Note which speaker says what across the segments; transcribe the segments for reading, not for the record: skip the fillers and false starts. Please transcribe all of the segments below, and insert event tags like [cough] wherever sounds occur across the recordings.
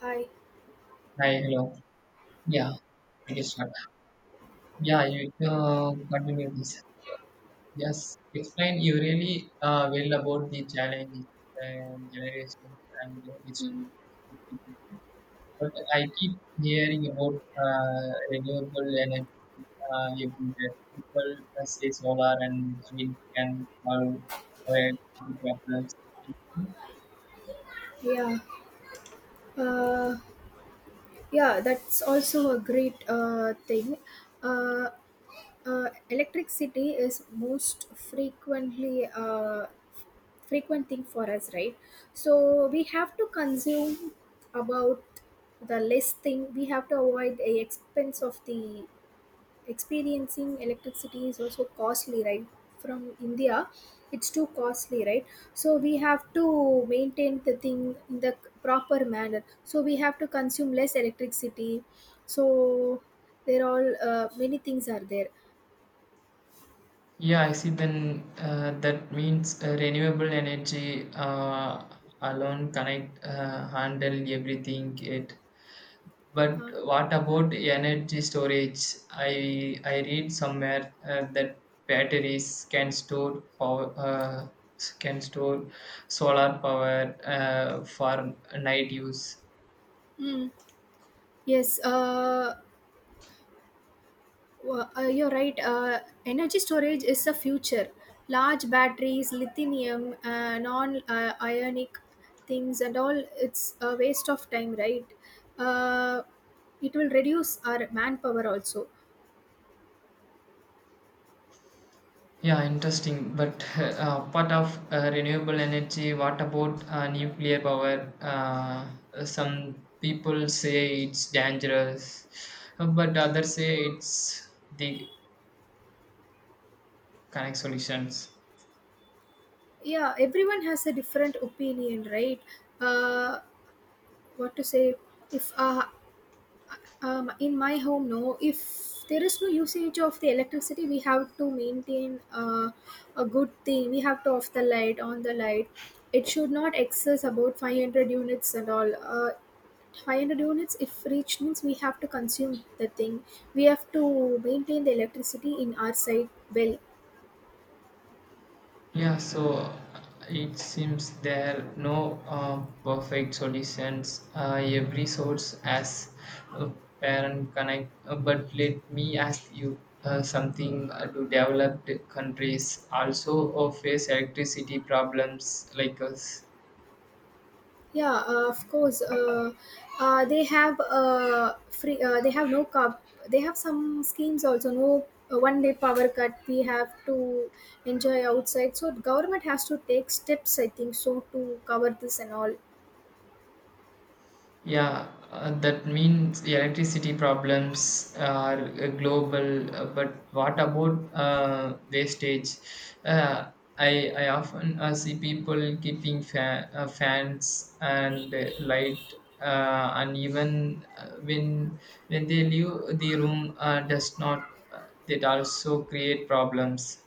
Speaker 1: Hi.
Speaker 2: Hi, hello. Yeah, I guess what. Yeah, you continue this. Yes, explain you really well about the challenges and generations and
Speaker 1: Mm,
Speaker 2: this thing. But I keep hearing about renewable energy everywhere. People say solar and wind can solve our energy problems.
Speaker 1: yeah. Uh, yeah, that's also a great thing. Uh, Electricity is most frequently frequent thing for us, right? So we have to consume about the less thing. We have to avoid the expense of the experiencing electricity is also costly, right? From india it's too costly, right? So we have to maintain the thing in the proper manner, so we have to consume less electricity. So there are all many things are there.
Speaker 2: Yeah, I see. Then that means renewable energy alone cannot handle everything it. But
Speaker 1: uh,
Speaker 2: what about energy storage? I read somewhere that batteries can store can store solar power for night use.
Speaker 1: mm, yes. Well, you're right. Energy storage is the future. Large batteries, lithium, non-ionic things, and all. It's a waste of time, right? Uh, it will reduce our manpower also.
Speaker 2: Yeah, interesting. But [laughs] apart of renewable energy, what about nuclear power? Some people say it's dangerous, but others say it's the correct solutions.
Speaker 1: Yeah, everyone has a different opinion, right? Uh, what to say? If In my home, no, if there is no usage of the electricity, we have to maintain a good thing. We have to off the light, on the light. It should not excess about 500 units and all, 500 units if reached means we have to consume the thing. We have to maintain the electricity in our side, well.
Speaker 2: Yeah, so it seems there are no perfect solutions. Every source has a parent connect. But let me ask you something. Do developed countries also face electricity problems like us?
Speaker 1: Yeah, of course. They have free. They have no cup. They have some schemes also, no. Uh, one day power cut, we have to enjoy outside. So government has to take steps, I think so, to cover this and all.
Speaker 2: Yeah, that means electricity problems are global. But what about wastage? Uh, I often see people keeping fans and light and even when they leave the room does not that also create problems.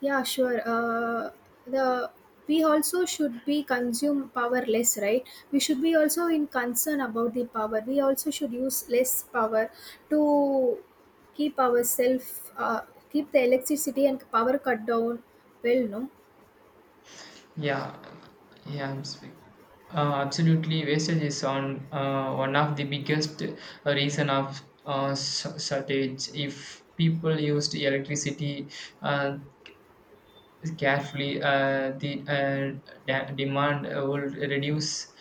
Speaker 1: Yeah, sure. The we also should be consume power less, right? We should be also in concern about the power. We also should use less power to keep ourselves, keep the electricity and power cut down. Well, no.
Speaker 2: Yeah, yeah, I'm speak. Absolutely, wastage is on one of the biggest reason of shortage. If people used electricity, uh, carefully, the demand will reduce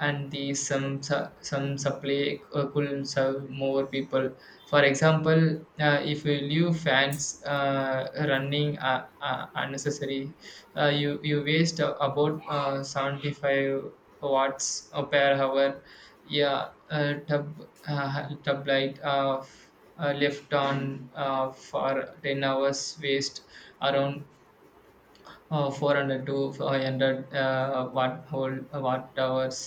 Speaker 2: and the some supply could serve more people. For example, if you leave fans running unnecessary, you waste about 75 watts per hour. Yeah, tub light left on for 10 hours waste around 400 to 500 watt hours.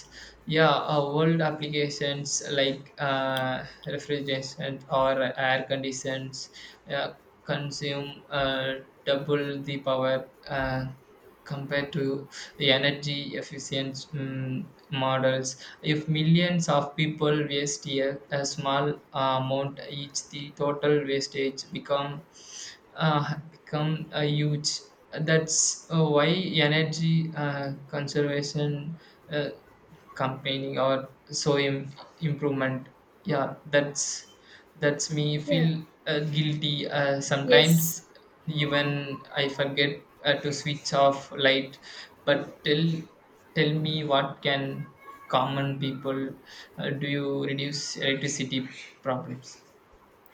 Speaker 2: Yeah, old applications like refrigeration or air conditions uh, consume double the power compared to the energy efficient models. If millions of people waste a small amount each, the total wastage become have become a huge. That's why energy conservation uh, campaigning or so improvement. Yeah, that's me
Speaker 1: Yeah.
Speaker 2: feel guilty
Speaker 1: Yes.
Speaker 2: sometimes. Even I forget to switch off light. But tell me what can common people do you reduce electricity problems?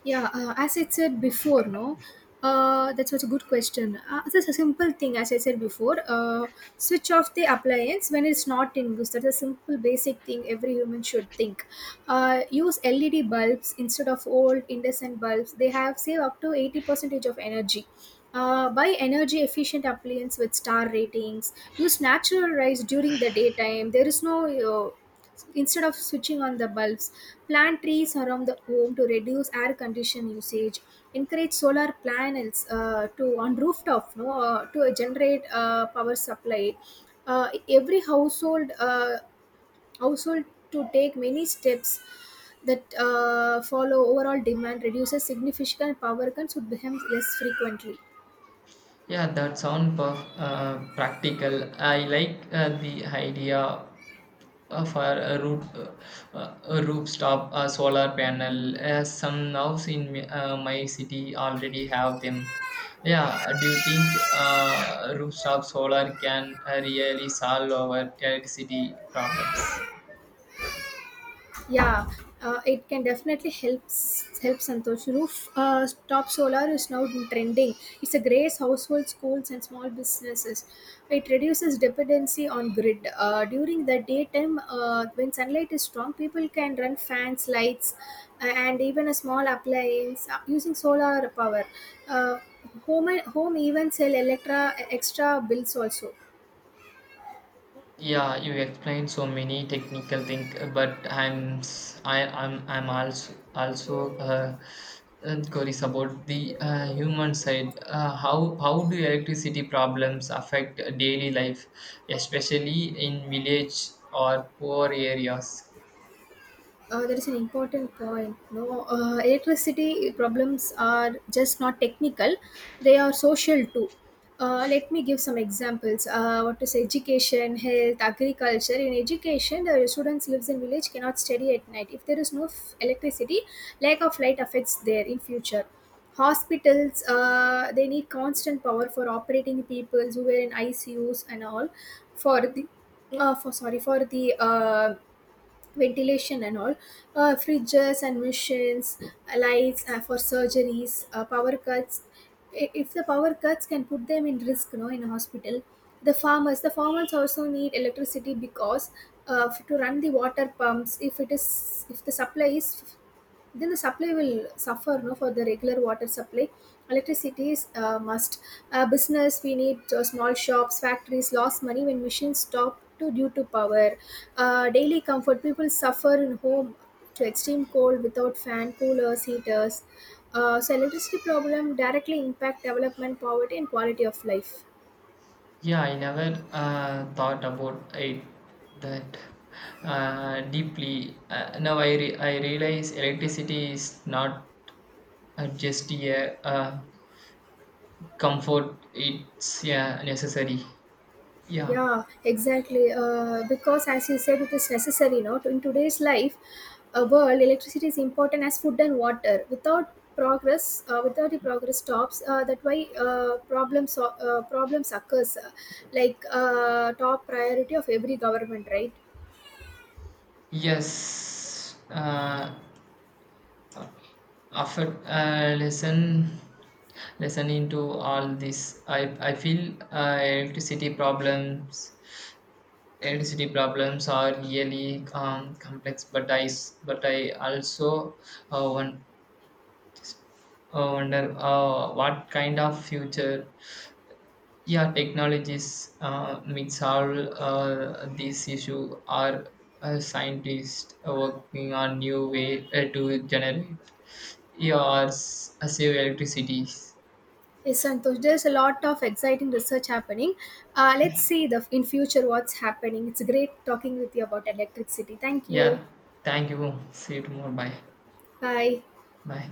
Speaker 1: Yeah, as I said before, no, that's such a good question. Just a simple thing, as I said before, switch off the appliance when it's not in use. That's a simple, basic thing every human should think. Use LED bulbs instead of old incandescent bulbs. They have save up to 80 percentage of energy. Buy energy efficient appliances with star ratings. Use natural rice during the daytime. There is no uh, Instead of switching on the bulbs, plant trees around the home to reduce air condition usage. Encourage solar panels to on rooftop, no, to generate power supply. Every household to take many steps that follow overall demand reduces significant power cuts would become less frequently.
Speaker 2: Yeah, that sound practical. I like the idea of a rooftop solar panel. Some house in my city already have them. Yeah, do you think rooftop solar can really solve our electricity problems?
Speaker 1: Yeah, it can definitely help Santosh. Roof top solar is now trending. It's a grace households, schools, and small businesses. It reduces dependency on grid. During the daytime, when sunlight is strong, people can run fans, lights, and even a small appliance using solar power. Uh, home even sell electra extra bills also.
Speaker 2: Yeah, you explained so many technical things, but I'm s- I, am I I'm also curious about the human side. How do electricity problems affect daily life, especially in village or poor areas?
Speaker 1: That is an important point, no. Uh, electricity problems are just not technical; they are social too. Let me give some examples. What is education, health, agriculture? In education, the students lives in village cannot study at night. If there is no electricity, lack of light affects there in future. Hospitals, they need constant power for operating people who were in ICUs and all for the for sorry, for the ventilation and all, fridges and machines, lights for surgeries. Power cuts, if the power cuts can put them in risk, you know, in a hospital. The farmers also need electricity because to run the water pumps. If the supply is, then the supply will suffer, no, for the regular water supply. Electricity is must. Business, we need small shops, factories lost money when machines stop to due to power. Daily comfort, people suffer in home to extreme cold without fan, coolers, heaters. So electricity problem directly impact development, poverty and quality of life.
Speaker 2: Yeah, I never thought about it that deeply. Now I realize electricity is not just a comfort, it's, yeah, necessary. Yeah.
Speaker 1: Yeah, exactly. Because as you said, it is necessary now. In today's life, world, electricity is important as food and water. Without the progress stops. That why problems occurs. Like top priority of every government, right?
Speaker 2: Yes. After lesson into all this, I feel electricity problems. Electricity problems are really complex, but I also uh, won- wonder what kind of future, yeah, technologies means all these issues are scientists working on new way to generate, yeah, or save electricity.
Speaker 1: Yes, Santosh. There's a lot of exciting research happening. Let's see the in future what's happening. It's great talking with you about electricity. Thank you.
Speaker 2: Yeah, thank you. See you tomorrow. Bye.
Speaker 1: Bye.
Speaker 2: Bye.